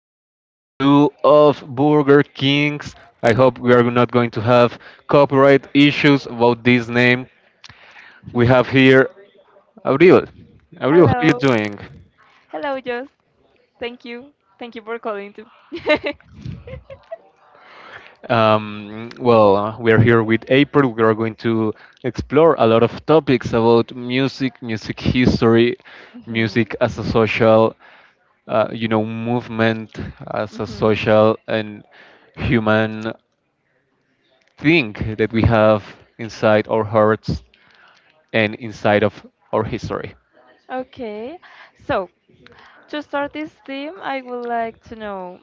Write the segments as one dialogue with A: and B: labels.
A: this part two of Burger Kings. I hope we are not going to have copyright issues about this name. We have here Abril. Abril, how are you
B: Hello.
A: doing?
B: Hello, Joss. Thank you. Thank you for calling too.
A: We are here with April. We are going to explore a lot of topics about music, music history,
B: Mhm.
A: music as a social, movement, as a
B: hmm
A: social and human thing that we have inside our hearts and inside of our history.
B: Okay. So, to start this theme, I would like to know,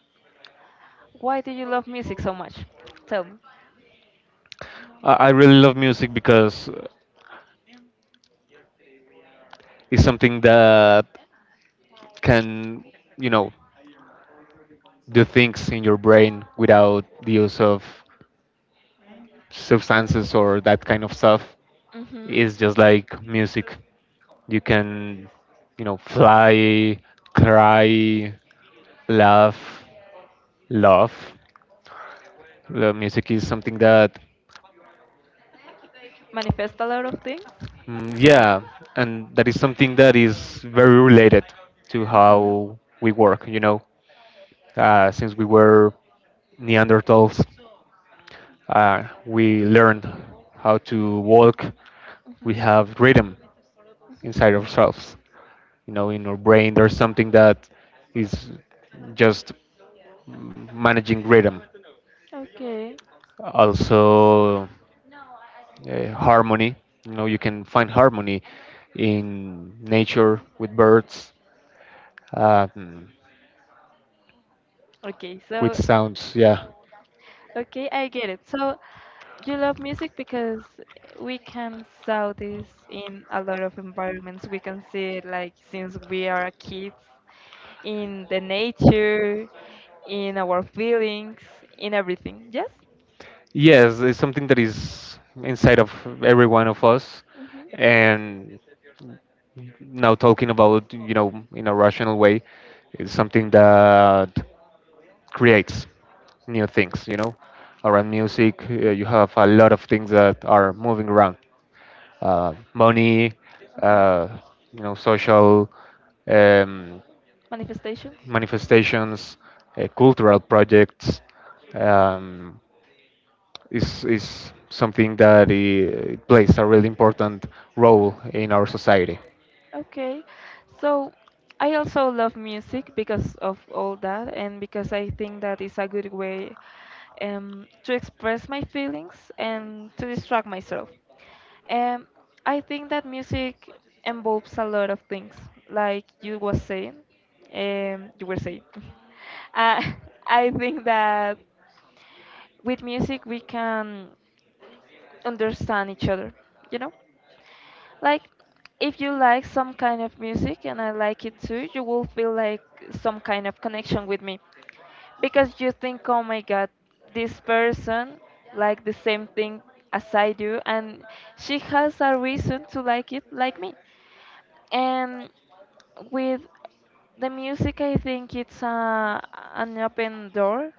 B: why do you love music so much? Tell me.
A: I really love music because it's something that can, you know, do things in your brain without the use of substances or that kind of stuff.
B: hmm
A: It's just like music. You can, fly, cry, laugh, love. Music is something that,
B: Manifest a lot of things?
A: yeah, and that is something that is very related to
B: Mhm.
A: how we work. You know, since we were Neanderthals, we learned how to walk. We
B: hmm
A: have rhythm inside
B: hmm
A: ourselves. You know, in our brain, there's something that is just managing rhythm.
B: Okay.
A: Also, harmony. You know, you can find harmony in nature with birds, um,
B: Okay,
A: with
B: so
A: sounds. Yeah.
B: okay, I get it. So you love music because we can saw this in a lot of environments. We can see it like since we are kids, in the nature, in our feelings, in everything. Yes?
A: Yes, it's something that is inside of every one of us.
B: hmm
A: And now talking about, you know, in a rational way, it's something that creates new things, you know. Around music, you have a lot of things that are moving around. Money, uh, social, um,
B: Manifestations?
A: manifestations, cultural projects. Um, is something that plays a really important role in our society.
B: Okay. So I also love music because of all that, and because I think that is a good way to express my feelings and to distract myself. And I think that music involves a lot of things, like you was saying. You were saying. uh, I think that with music we can understand each other. You know, like if you like some kind of music and I like it too, you will feel like some kind of connection with me, because you think, oh my God, this person like the same thing as I do, and she has a reason to like it like me. And with the music, I think it's an open door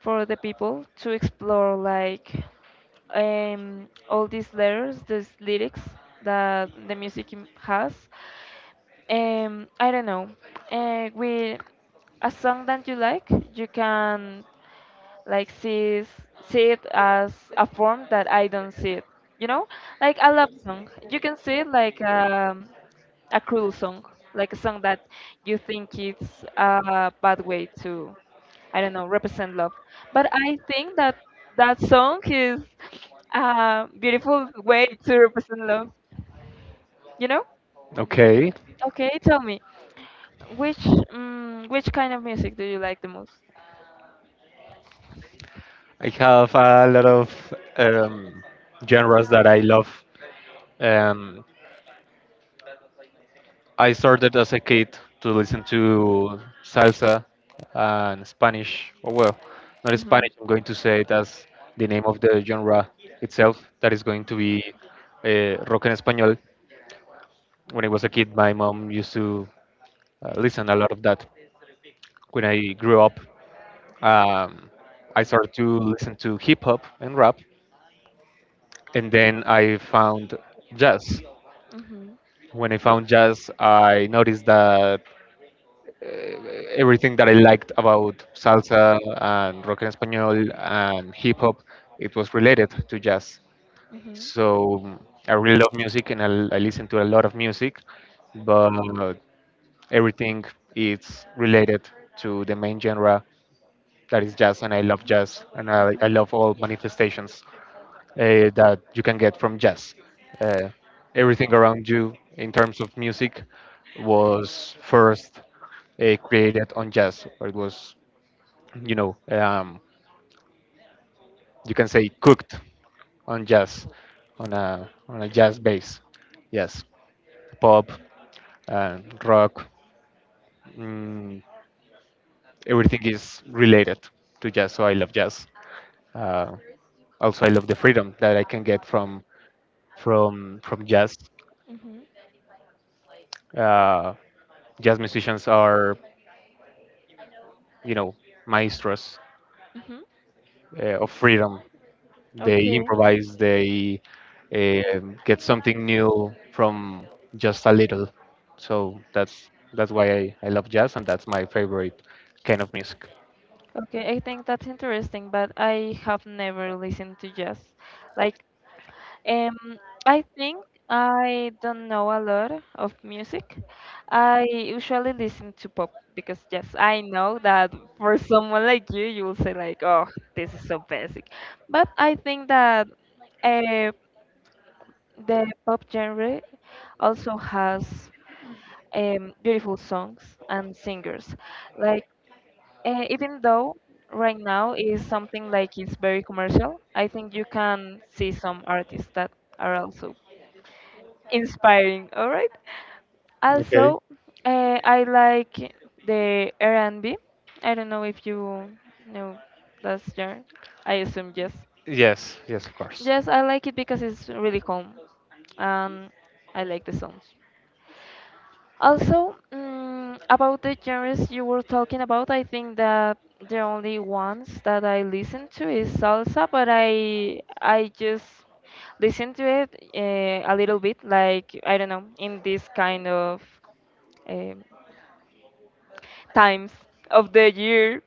B: for the people to explore, like all these letters, these lyrics that the music has. I don't know. With a song that you like, you can like sees see it as a form that I don't see it. You know, like a love song. You can see it like a cruel song, like a song that you think it's a bad way to, I don't know, represent love. But I think that that song is a beautiful way to represent love. You know?
A: Okay,
B: Okay, tell me, which kind of music do you like the most?
A: I have a lot of genres that I love. Um, I started as a kid to listen to salsa and Spanish. Oh well, not
B: Mm-hmm.
A: Spanish. I'm going to say it as the name of the genre itself. That is going to be rock en español. When I was a kid, my mom used to listen a lot of that. When I grew up, um, I started to listen to hip hop and rap, and then I found jazz.
B: be Mm-hmm.
A: When I found jazz, I noticed that everything that I liked about salsa and rock en español and hip hop, it was related to jazz.
B: Mm-hmm.
A: So I really love music, and I listen to a lot of music, but everything is related to the main genre that is jazz, and I love jazz, and I love all manifestations that you can get from jazz. Uh, Everything around you in terms of music was first created on jazz, or it was, you know, you can say cooked on jazz, on a jazz bass. Yes, pop, uh, rock, mm, everything is related to jazz. So I love jazz. Uh, Also, I love the freedom that I can get from from jazz.
B: Mm-hmm.
A: Uh, Jazz musicians are, you know, maestros
B: Mm-hmm.
A: of freedom. They
B: Okay.
A: improvise. They get something new from just a little. So that's why I love jazz, and that's my favorite kind of music.
B: Okay, I think that's interesting, but I have never listened to jazz. Like Um, I think I don't know a lot of music. I usually listen to pop because, yes, I know that for someone like you will say like, "Oh, this is so basic," but I think that uh, the pop genre also has beautiful songs and singers. Like even though right now is something like it's very commercial, I think you can see some artists that are also inspiring. All right.
A: Okay.
B: Also, I like the R&B. Don't know if you know that genre. I assume yes.
A: Yes. Yes. Of course.
B: Yes, I like it because it's really calm, and I like the songs. Also, about the genres you were talking about, I think that the only ones that I listen to is salsa, but I just listen to it a little bit, like I don't know, in this kind of um, times of the year,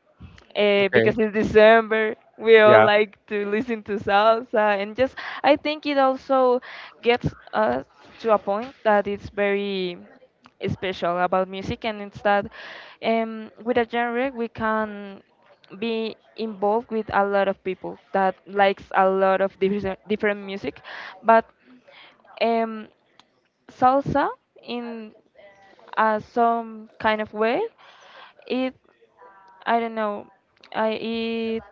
B: because
A: Okay.
B: it's December. We all
A: Yeah,
B: like to
A: like,
B: listen to salsa, and just I think it
A: you know,
B: also gets us to a point that it's very special about music, and it's that with a genre we can be involved with a lot of people that likes a lot of different music, but um, salsa in some kind of way, it I don't know I it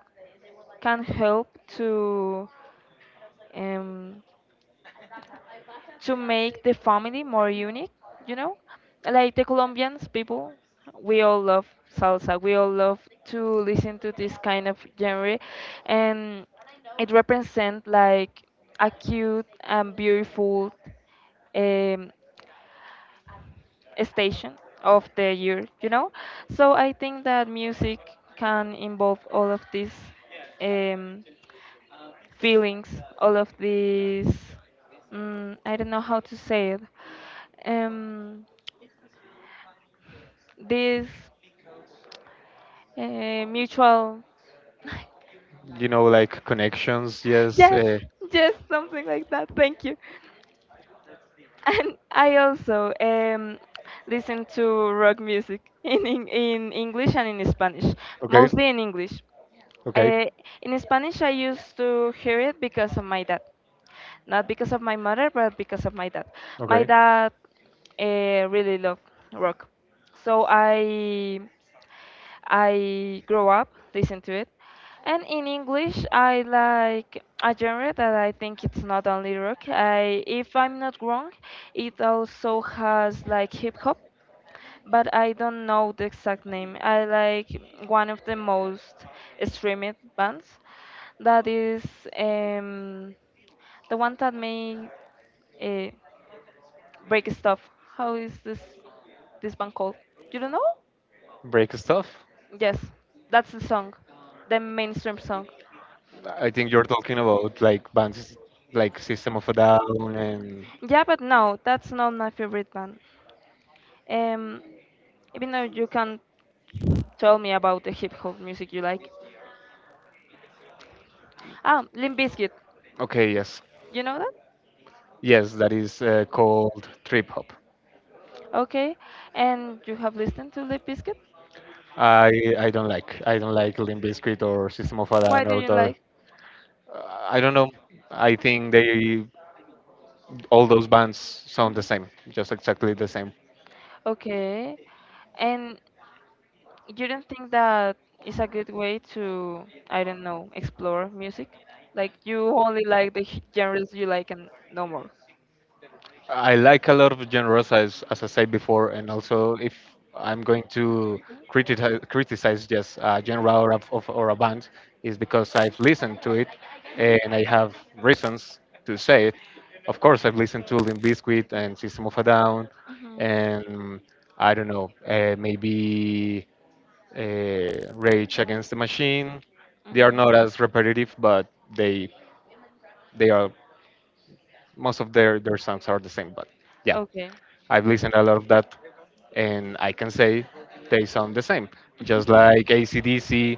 B: can help um, to make the family more unique, you know, like the colombians people, we all love salsa, we all love to listen to this kind of genre, and it represents like a cute and beautiful um, station of the year, you know? So I think that music can involve all of these um, feelings, all of these, I don't know how to say it, um, this mutual,
A: like connections. Yes. Yeah.
B: yes, yes, something like that. Thank you. And I also listen to rock music in English and in Spanish,
A: Okay.
B: mostly in English.
A: Okay.
B: Uh, in Spanish, I used to hear it because of my dad. Not because of my mother, but because of my dad. My
A: Okay.
B: dad really loved rock. So I grow up listen to it. And in English, I like a genre that I think it's not only rock. I, if I'm not wrong, it also has like hip hop, but I don't know the exact name. I like one of the most streamed bands. That is um, the one that made break stuff. How is this band called? You don't know?
A: Break stuff.
B: Yes, that's the song, the mainstream song.
A: I think you're talking about like bands like System of a Down and
B: Yeah, but no, that's not my favorite band. Um, Even though, you can tell me about the hip hop music you like. Ah, Limp Bizkit.
A: okay, yes,
B: You know that?
A: yes, that is called trip hop.
B: Okay. And you have listened to Limp Bizkit?
A: I I don't like, I don't like Limp Bizkit or System of a
B: Why
A: Down
B: do
A: or
B: you
A: the,
B: like?
A: I don't know. I think they, all those bands sound the
B: Mhm.
A: same, just exactly the same.
B: Okay. And you don't think that is a good way to, I don't know, explore music? Like you only like the genres you like and no more.
A: I like a lot of genres, as I said before, and also if I'm going to criticize, criticize just a genre or a, of, or a band, is because I've listened to it and I have reasons to say it. Of course, I've listened to Limp Bizkit and System of a Down,
B: Mhm,
A: and I don't know, maybe Rage Against the Machine.
B: mhm,
A: They are
B: mhm.
A: not as repetitive, but they they are most of their songs are the same. But yeah,
B: Okay.
A: I've listened a lot of that, and I can say they sound the same. Just like ACDC,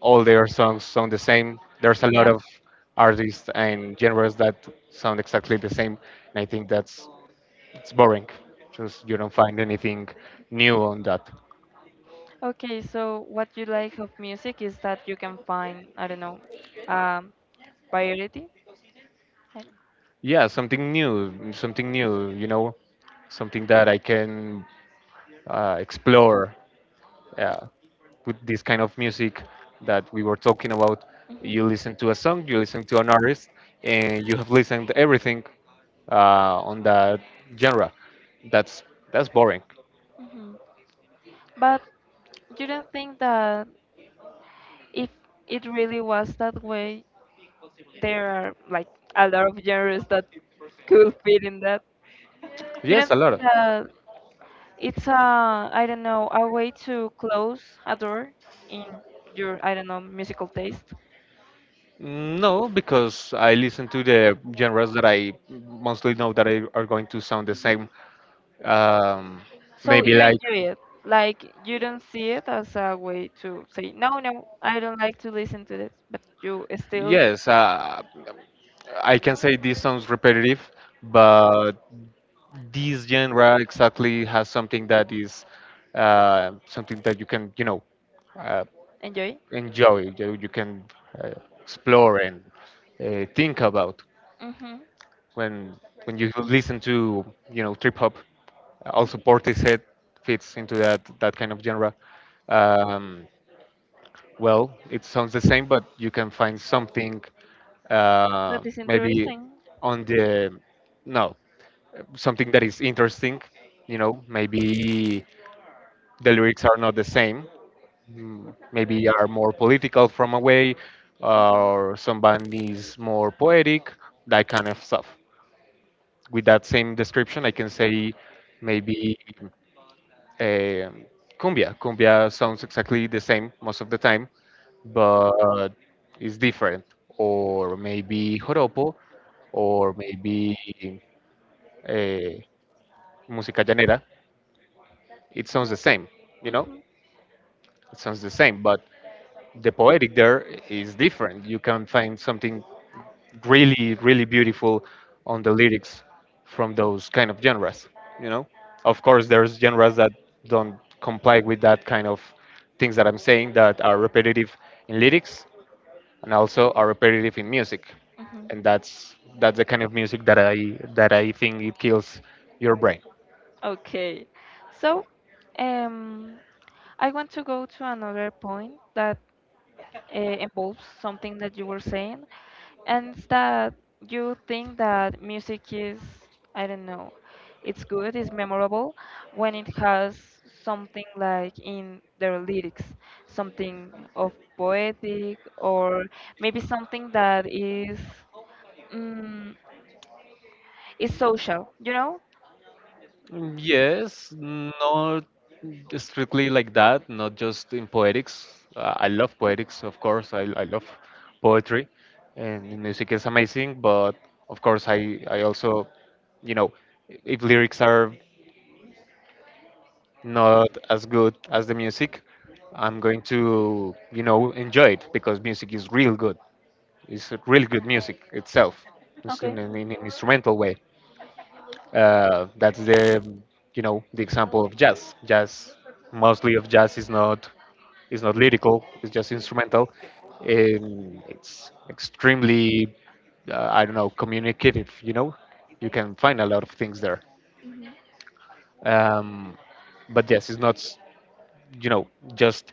A: all their songs sound the same. There's a lot
B: Yeah.
A: of artists and genres that sound exactly the same, and I think that's it's boring. Just you don't find anything new on that.
B: Okay, so what you like of music is that you can find, I don't know, um, variety. I don't
A: Yeah, something new, something new. You know, something that I can explore uh, with this kind of music that we were talking about.
B: Mhm.
A: You listen to a song, you listen to an artist, and you have listened everything on that genre. That's that's boring.
B: Mhm. But you don't think that if it really was that way, there are like a lot of genres that could fit in that. You
A: Yes,
B: don't
A: a
B: think
A: lot.
B: that it's a, I don't know, a way to close a door in your, I don't know, musical taste.
A: No, because I listen to the genres that I mostly know that I, are going to sound the
B: Mhm.
A: same. Um,
B: So
A: Maybe
B: you
A: like
B: enjoy it, like you don't see it as a way to say no, no, I don't like to listen to this, but you still
A: yes, I can say this sounds repetitive, but this genre exactly has something that is something that you can, you know, uh,
B: enjoy.
A: enjoy. You can uh, explore and think about
B: Mm-hmm.
A: when when you listen to, you know, trip hop. Also Portishead fits into that kind of genre. um, well, it sounds the same, but you can find something
B: That is
A: maybe
B: interesting.
A: on the no something that is interesting, you know. Maybe the lyrics are not the same. Maybe are more political from a way, or some band is more poetic, that kind of stuff. With that same description, I can say maybe um cumbia. Cumbia sounds exactly the same most of the time, but it's different. Or maybe joropo, or maybe uh, música llanera. It sounds the same, you know.
B: Mm-hmm.
A: It sounds the same, but the poetic there is different. You can find something really, really beautiful on the lyrics from those kind of genres. You know, of course, there's genres that don't comply with that kind of things that I'm saying that are repetitive in lyrics and also are repetitive in music,
B: Mm-hmm.
A: and that's the kind of music that I think it kills your brain.
B: Okay. So, um, I want to go to another point that involves something that you were saying, and it's that you think that music is, I don't know, it's good, it's memorable when it has something like in their lyrics, something of poetic, or maybe something that is mm, is social, you know?
A: Yes, not strictly like that, not just in poetics. I love poetics, of course. I love poetry, and music is amazing. But of course, I also, you know, if lyrics are not as good as the music, I'm going to, you know, enjoy it because music is real good. It's really good music itself, it's
B: Okay.
A: in an instrumental way. That's the, you know, the example of jazz. Jazz, mostly of jazz, is not lyrical. It's just instrumental. It's extremely I don't know, communicative. You know, you can find a lot of things there.
B: music.
A: Um, but yes, it's not s- you know, just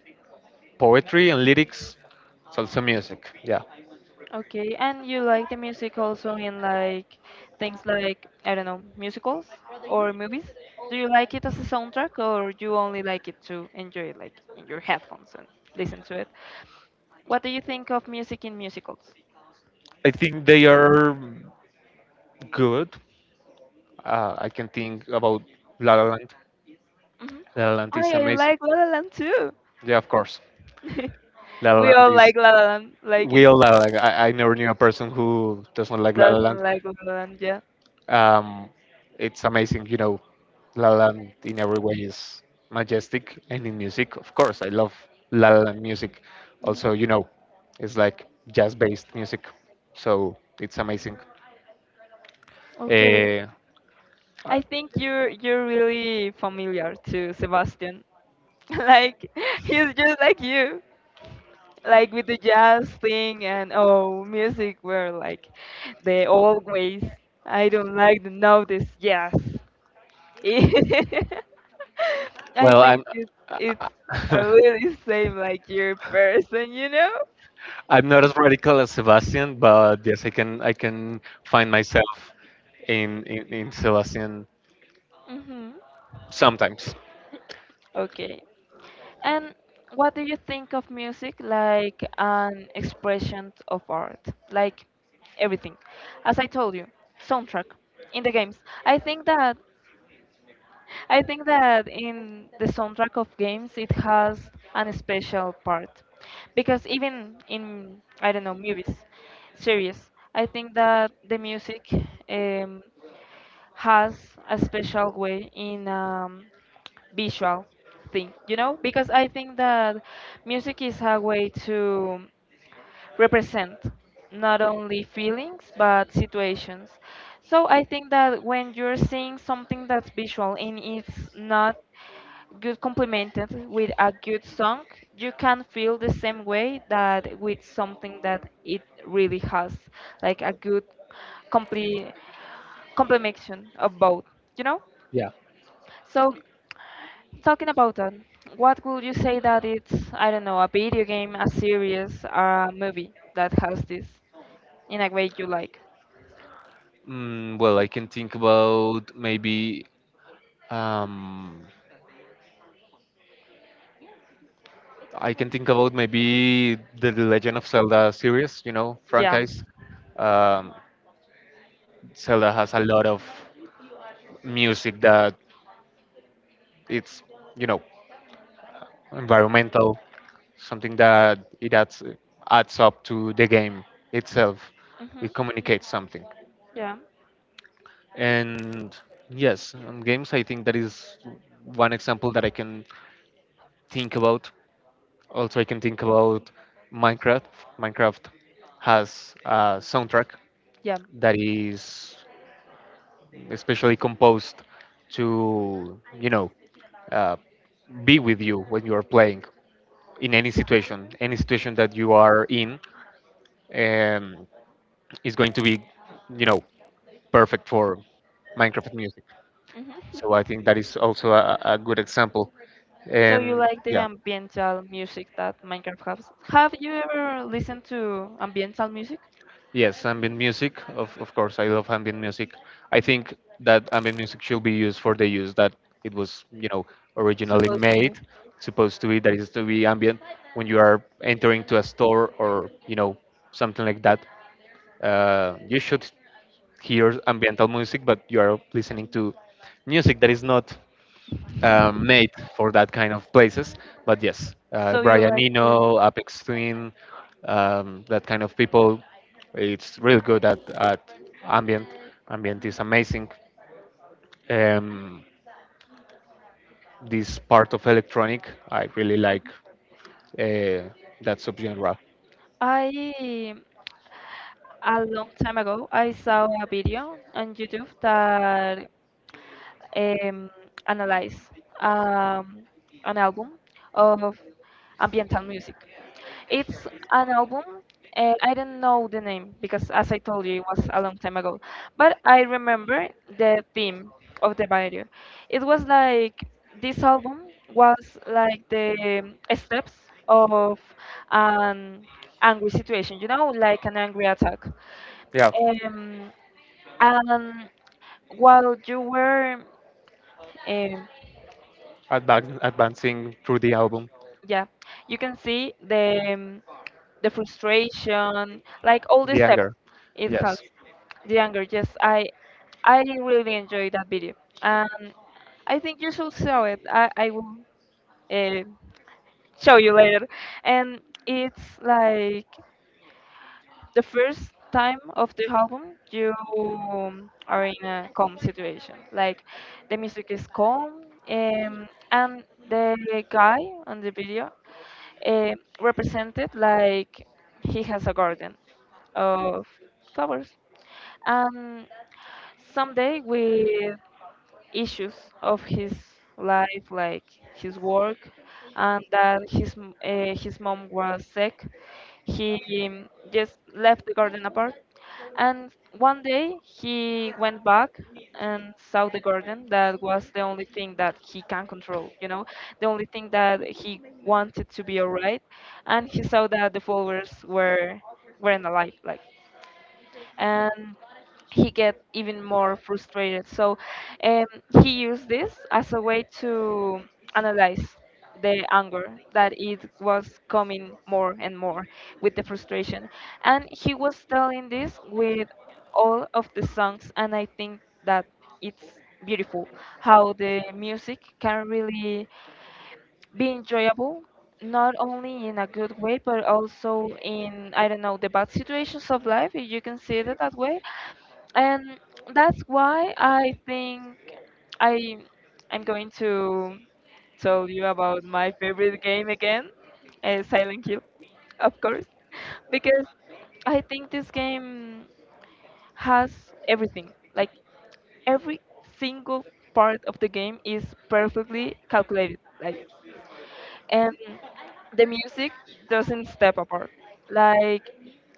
A: poetry and lyrics. It's also music. Yeah,
B: Okay, and you like the music also in like things like, I don't know, musicals or movies? Do you like it as a soundtrack, or you only like it to enjoy it like in your headphones and listen to it? What do you think of music in musicals?
A: I think they are good. I can think about La La Land.
B: hmm
A: La La Land is
B: I
A: amazing.
B: like La La Land too.
A: Yeah, of course. La La
B: We
A: Land
B: all
A: is,
B: like La La Land, like it
A: we all La La Land. I never knew a person who doesn't like La La
B: doesn't
A: Land.
B: like La La Land, yeah.
A: Um, it's amazing, you know. La La Land in every way is majestic, and in music, of course, I love La La Land music.
B: Mhm.
A: Also, you know, it's like jazz-based music, so it's amazing.
B: Okay.
A: Uh,
B: I think you're really familiar to Sebastian. Like he's just like you. Like with the jazz thing and oh music were like they always I don't like the now this jazz. I
A: well,
B: think
A: I'm.
B: it's a really same like your person, you know?
A: I'm not as radical as Sebastian, but yes, I can find myself in in Sebastian
B: Mhm.
A: sometimes.
B: Okay. And what do you think of music like an expression of art? Like everything. As I told you, soundtrack in the games. I think that in the soundtrack of games, it has an special part because even in, I don't know, movies, series, I think that the music um, has a special way in visual thing, you know, because I think that music is a way to represent not only feelings but situations. So I think that when you're seeing something that's visual and it's not good complemented with a good song, you can feel the same way that with something that it really has, like a good complete complementation of both, you know?
A: Yeah.
B: So talking about that, what would you say that it's, I don't know, a video game, a series, a movie that has this in a way you like?
A: Well, I can think about maybe um, I can think about maybe The Legend of Zelda series, you know,
B: Yeah.
A: franchise. Um, Zelda has a lot of music that it's, you know, environmental, something that it adds up to the game itself.
B: hmm
A: It communicates something.
B: Yeah.
A: And yes, on games, I think that is one example that I can think about. Also, I can think about Minecraft. Minecraft has a soundtrack
B: Yeah.
A: that is especially composed to, you know, uh, be with you when you are playing in any situation that you are in, um, is going to be, you know, perfect for Minecraft music.
B: hmm
A: So I think that is also a good example.
B: So you
A: And
B: like the
A: yeah,
B: ambiental music that Minecraft has? Have you ever listened to ambiental music?
A: yes, ambient music. Of course, I love ambient music. I think that ambient music should be used for the use that it was, you know, originally
B: Supposed to be.
A: made, supposed to be. That is to be ambient when you are entering to a store or you know something like that. You should hear ambiental music, but you are listening to music that is not made for that kind of places. But yes,
B: So you product.
A: Brian
B: Like the-
A: Eno, Apex Twin, that kind of people, it's really good at ambient. Ambient is amazing. Um, this part of electronic, I really like uh, that subgenre.
B: I a long time ago I saw a video on YouTube that um, analyze um, an album of ambiental music. It's an album. I don't know the name because, as I told you, it was a long time ago. But I remember the theme of the video. It was like this album was like the steps of an angry situation, you know, like an angry attack.
A: Yeah,
B: Um, and while you were um,
A: advancing through the album.
B: yeah, you can see the frustration, like all the
A: The
B: steps
A: anger.
B: it has.
A: Yes.
B: The anger, yes, I really enjoyed that video, and I think you should show it. I will uh, show you later, and it's like the first time of the album you are in a calm situation, like the music is calm, and the guy on the video uh, represented like he has a garden of flowers, and someday with issues of his life, like his work and that his his mom was sick, he just left the garden apart. And one day he went back and saw the garden. That was the only thing that he can control, you know, the only thing that he wanted to be alright. And he saw that the flowers were weren't alive, like, and he get even more frustrated. So um, he used this as a way to analyze the anger that it was coming more and more with the frustration. And he was telling this with all of the songs, and I think that it's beautiful how the music can really be enjoyable not only in a good way but also in I don't know the bad situations of life if you can see it that way. And that's why I think I I'm going to tell you about my favorite game again, Silent Hill, of course, because I think this game has everything. Like every single part of the game is perfectly calculated. Like and the music doesn't step apart. Like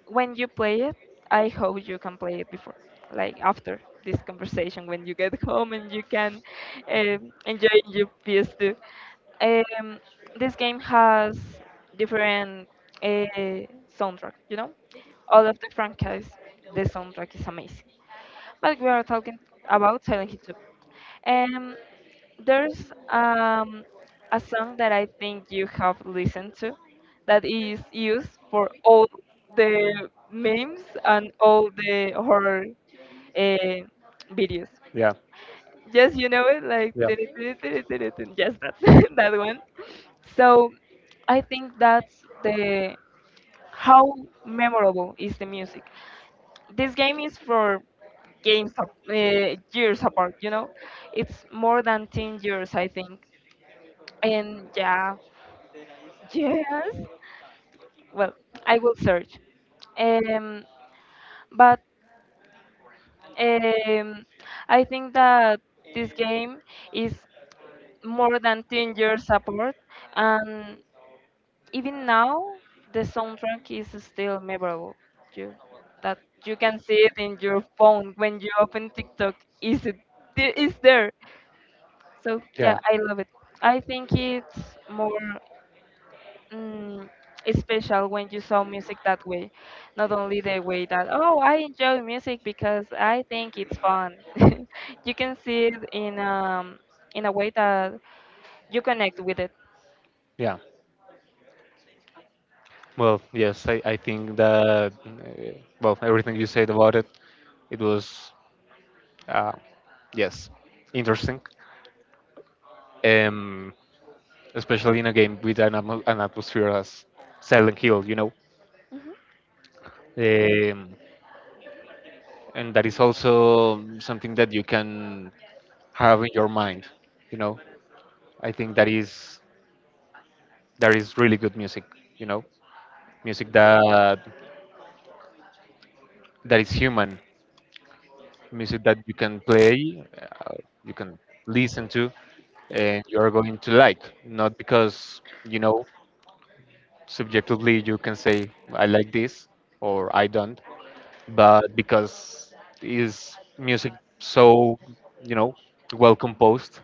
B: when you play it, I hope you can play it before, like after this conversation when you get home and you can enjoy your PS2. Um, this game has different uh, soundtrack, you know, all of the franchise. The soundtrack is amazing, but we are talking about Silent Hill 2. There's um, a song that I think you have listened to that is used for all the memes and all the horror uh, videos.
A: Yeah.
B: Yes, you know it, like
A: Yeah.
B: tiri, tiri, tiri, tiri, tiri, just that that one. So I think that's the how memorable is the music. This game is for years apart, you know, it's more than 10 years I think. And yeah, yes, well, I will search, um but um I think that this game is more than 10 years apart, and even now the soundtrack is still memorable. You that you can see it in your phone when you open TikTok. Is it is there So yeah,
A: Yeah.
B: I love it. I think it's more mm, special when you saw music that way, not only the way that oh I enjoy music because I think it's fun. You can see it in a way that you connect with it.
A: Yeah. Well, yes, I think that, well, everything you said about it, it was, uh, yes, interesting. Um, especially in a game with an, an atmosphere as Silent Hill, you know.
B: Hmm.
A: Um, and that is also something that you can have in your mind, you know. I think that is really good music, you know, music that is human, music that you can play, you can listen to, and you are going to like, not because you know subjectively you can say I like this or I don't, but because is music so you know well composed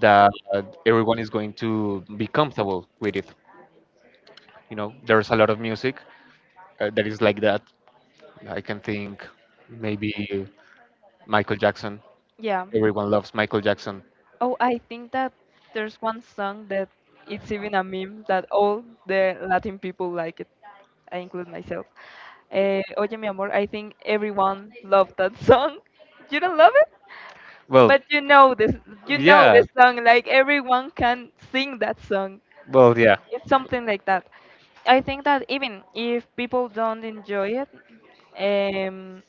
A: that everyone is going to be comfortable with it. There's a lot of music that is like that. I can think maybe Michael Jackson.
B: Yeah.
A: Everyone loves Michael Jackson.
B: Oh, I think that there's one song that it's even a meme that all the Latin people like it. I include myself. Eh, Oye, mi amor, I think everyone loved that song. You don't love it?
A: Well,
B: But you know
A: yeah.
B: this song. Like everyone can sing that song.
A: Well, yeah.
B: It's something like that. I think that even if people don't enjoy it, um,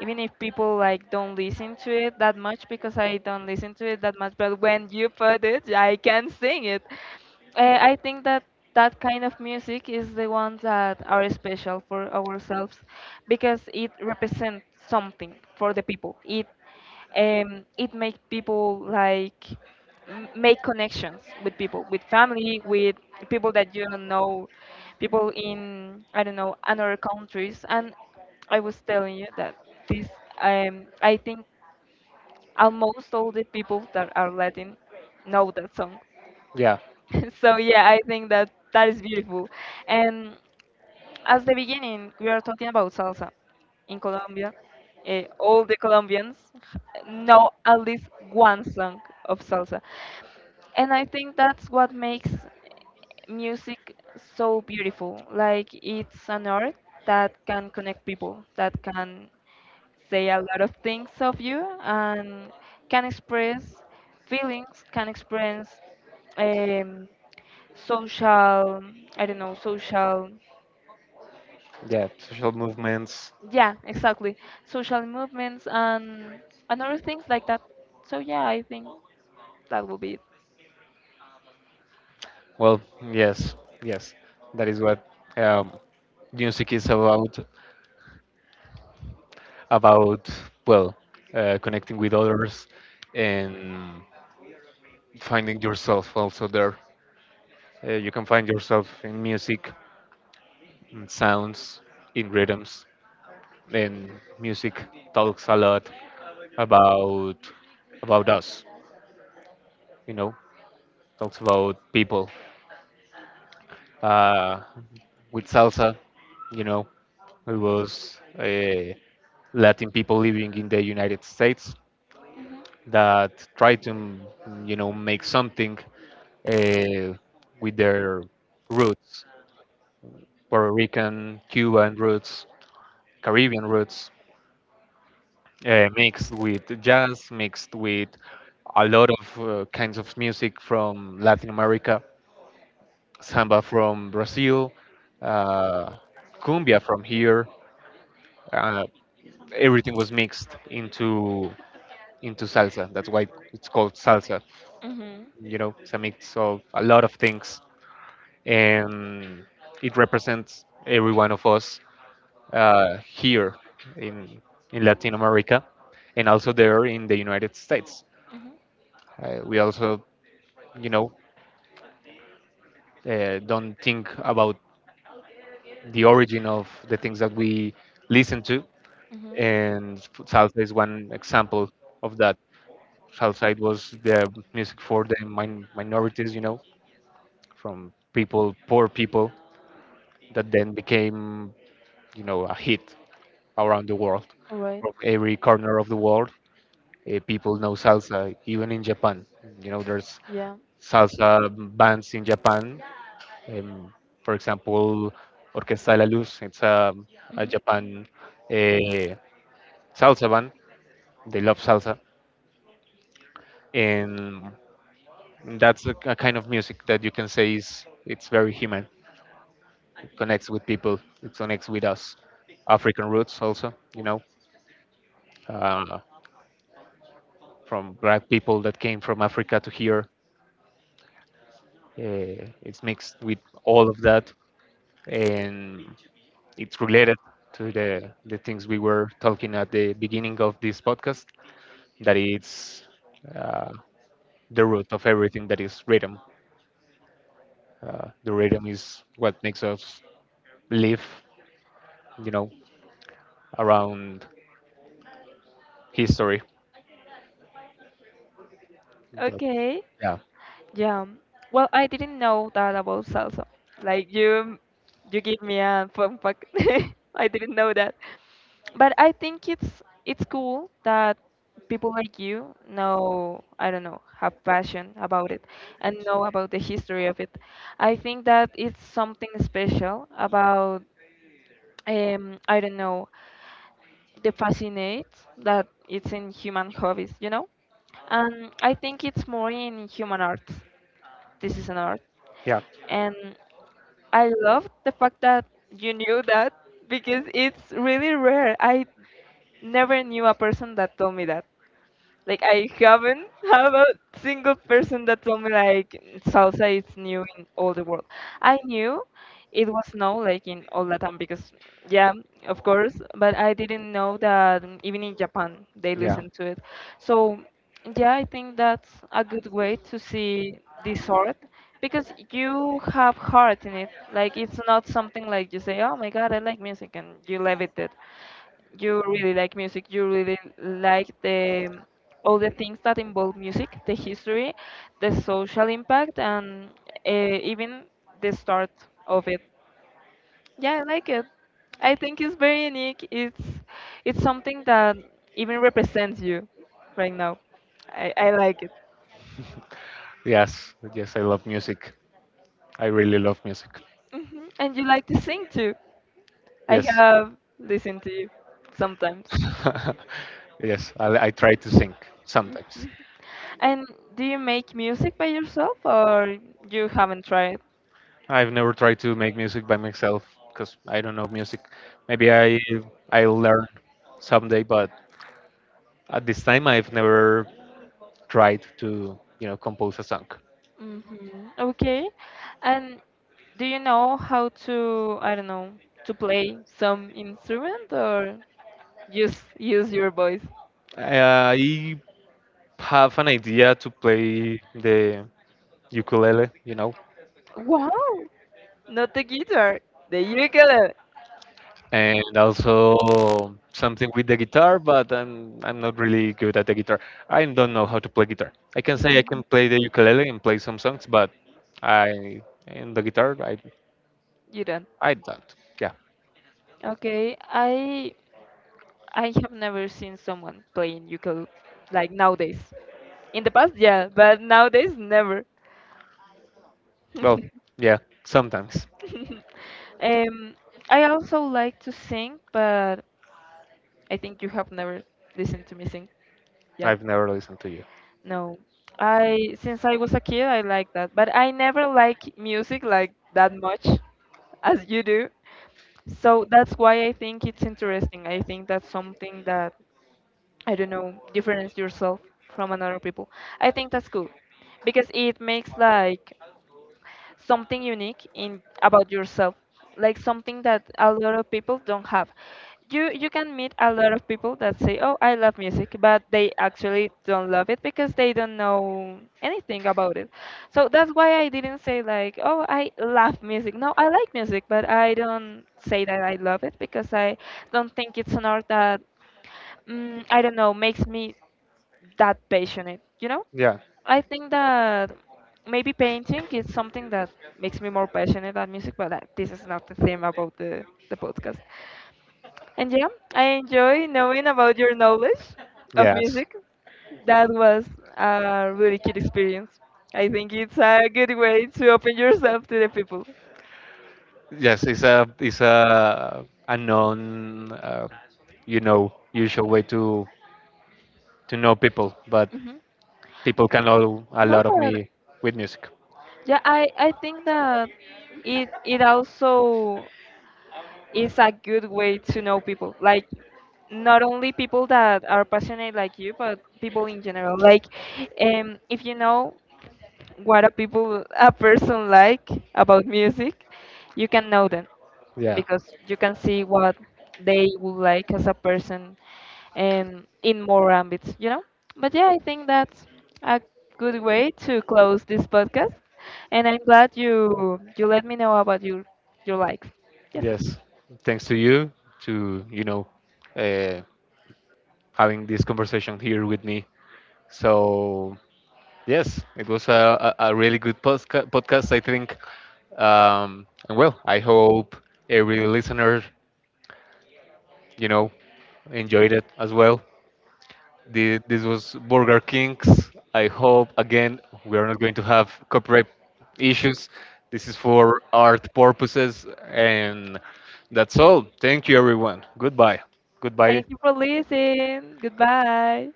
B: even if people like don't listen to it that much because I don't listen to it that much, but when you put it, I can sing it. I think that that kind of music is the ones that are special for ourselves because it represents something for the people. It it makes people like make connections with people, with family, with people that you don't know, people in I don't know another countries. And I was telling you that this I think almost all the people that are Latin know that song.
A: Yeah.
B: So yeah, I think that that is beautiful, and as the beginning, we are talking about salsa in Colombia. Eh, all the Colombians know at least one song of salsa. And I think that's what makes music so beautiful. Like it's an art that can connect people, that can say a lot of things of you and can express feelings, can express um, social, I don't know, social.
A: Yeah. Social movements.
B: Yeah, exactly. Social movements and other things like that. So yeah, I think that will be it.
A: Well, yes. Yes, that is what, um, music is about. About, well, connecting with others and finding yourself also there. Uh, you can find yourself in music, in sounds, in rhythms. And music talks a lot about about us, you know, talks about people. Uh, with salsa, you know, it was Latin people living in the United States
B: Mhm.
A: that try to, you know, make something uh, with their roots, Puerto Rican, Cuban roots, Caribbean roots, mixed with jazz, mixed with a lot of kinds of music from Latin America, samba from Brazil, uh, cumbia from here. Uh, Everything was mixed into salsa. That's why it's called salsa.
B: Mhm.
A: You know, it's a mix of a lot of things, and it represents every one of us here in, in Latin America, and also there in the United States.
B: Mhm.
A: We also, you know, don't think about the origin of the things that we listen to,
B: Mhm.
A: and salsa is one example of that. Salsa, it was the music for the minorities, you know, from people, poor people, that then became, you know, a hit around the world,
B: All right.
A: from every corner of the world. Uh, people know salsa even in Japan. You know, there's
B: Yeah.
A: salsa bands in Japan. um, for example, Orquesta de la Luz, it's a
B: Mhm.
A: Japan uh, salsa band. They love salsa, and that's a kind of music that you can say is it's very human. It connects with people, it connects with us. African roots also, you know, uh, from black people that came from Africa to here. Uh, it's mixed with all of that, and it's related to the things we were talking at the beginning of this podcast, that it's, uh, the root of everything that is rhythm. Uh, the rhythm is what makes us live, you know, around history. But,
B: Okay.
A: yeah.
B: Yeah. Well, I didn't know that about salsa. Like you, you give me a fun fact. I didn't know that. But I think it's cool that people like you know, I don't know, have passion about it and know about the history of it. I think that it's something special about I don't know, the fascinate that it's in human hobbies, you know? And I think it's more in human arts. This is an art.
A: Yeah.
B: And I love the fact that you knew that because it's really rare. I never knew a person that told me that. Like I haven't have a single person that told me like salsa is new in all the world. I knew it was no like in all Latin because
A: Yeah.
B: yeah, of course, but I didn't know that even in Japan they listen to it. So yeah, I think that's a good way to see this art because you have heart in it. Like it's not something like you say, "Oh my God, I like music," and you leave it. There you really like music, you really like the all the things that involve music, the history, the social impact, and even the start of it. Yeah, I like it. I think it's very unique. It's something that even represents you right now. I like it.
A: Yes. Yes, I love music. I really love music.
B: Hmm. And you like to sing too, I
A: Yes.
B: have listened to you sometimes.
A: Yes, I try to sing sometimes.
B: Mhm. And do you make music by yourself or you haven't tried?
A: I've never tried to make music by myself, because I don't know music. Maybe I'll learn someday, but at this time I've never tried to, you know, compose a song.
B: Hmm. Okay. And do you know how to, I don't know, to play some instrument or just use your voice?
A: I have an idea to play the ukulele, you know,
B: Wow, not the guitar, the ukulele.
A: and also something with the guitar, but I'm not really good at the guitar. I don't know how to play guitar. I can say I
B: Mhm.
A: can play the ukulele and play some songs, but I, in the guitar, I
B: You don't.
A: I don't. Yeah.
B: Okay, I have never seen someone playing ukulele like nowadays. In the past, yeah, but nowadays never.
A: Well, yeah. Sometimes.
B: um, I also like to sing, but I think you have never listened to me sing. Yeah,
A: I've never listened to you.
B: no. I since I was a kid, I like that, but I never like music like that much as you do. So that's why I think it's interesting. I think that's something that I don't know, difference yourself from another people. I think that's cool because it makes like something unique in about yourself, like something that a lot of people don't have. You can meet a lot of people that say, "Oh, I love music," but they actually don't love it because they don't know anything about it. So that's why I didn't say like, "Oh, I love music." No, I like music, but I don't say that I love it because I don't think it's an art that I don't know, makes me that passionate, you know?
A: Yeah.
B: I think that maybe painting is something that makes me more passionate about music, but that this is not the theme about the podcast. And yeah, I enjoy knowing about your knowledge of
A: Yes.
B: music. That was a really good experience. I think it's a good way to open yourself to the people.
A: Yes. It's a a non you know usual way to know people, but
B: Hmm.
A: people can know a
B: No,
A: lot of
B: but
A: me with music.
B: yeah, I think that it also it's a good way to know people. Like not only people that are passionate like you, but people in general. Like if you know what a person like about music, you can know them
A: Yeah.
B: because you can see what they would like as a person and in more ambits, you know? But yeah, I think that's a good way to close this podcast. And I'm glad you let me know about your likes. Yes.
A: Yes. Thanks to you to, you know, uh, having this conversation here with me. So yes, it was a really good podcast, I think. And well, I hope every listener, you know, enjoyed it as well. The, this was Burger King's. I hope, again, we are not going to have copyright issues. This is for art purposes, and that's all. Thank you, everyone. Goodbye. Goodbye.
B: Thank you for listening. Goodbye.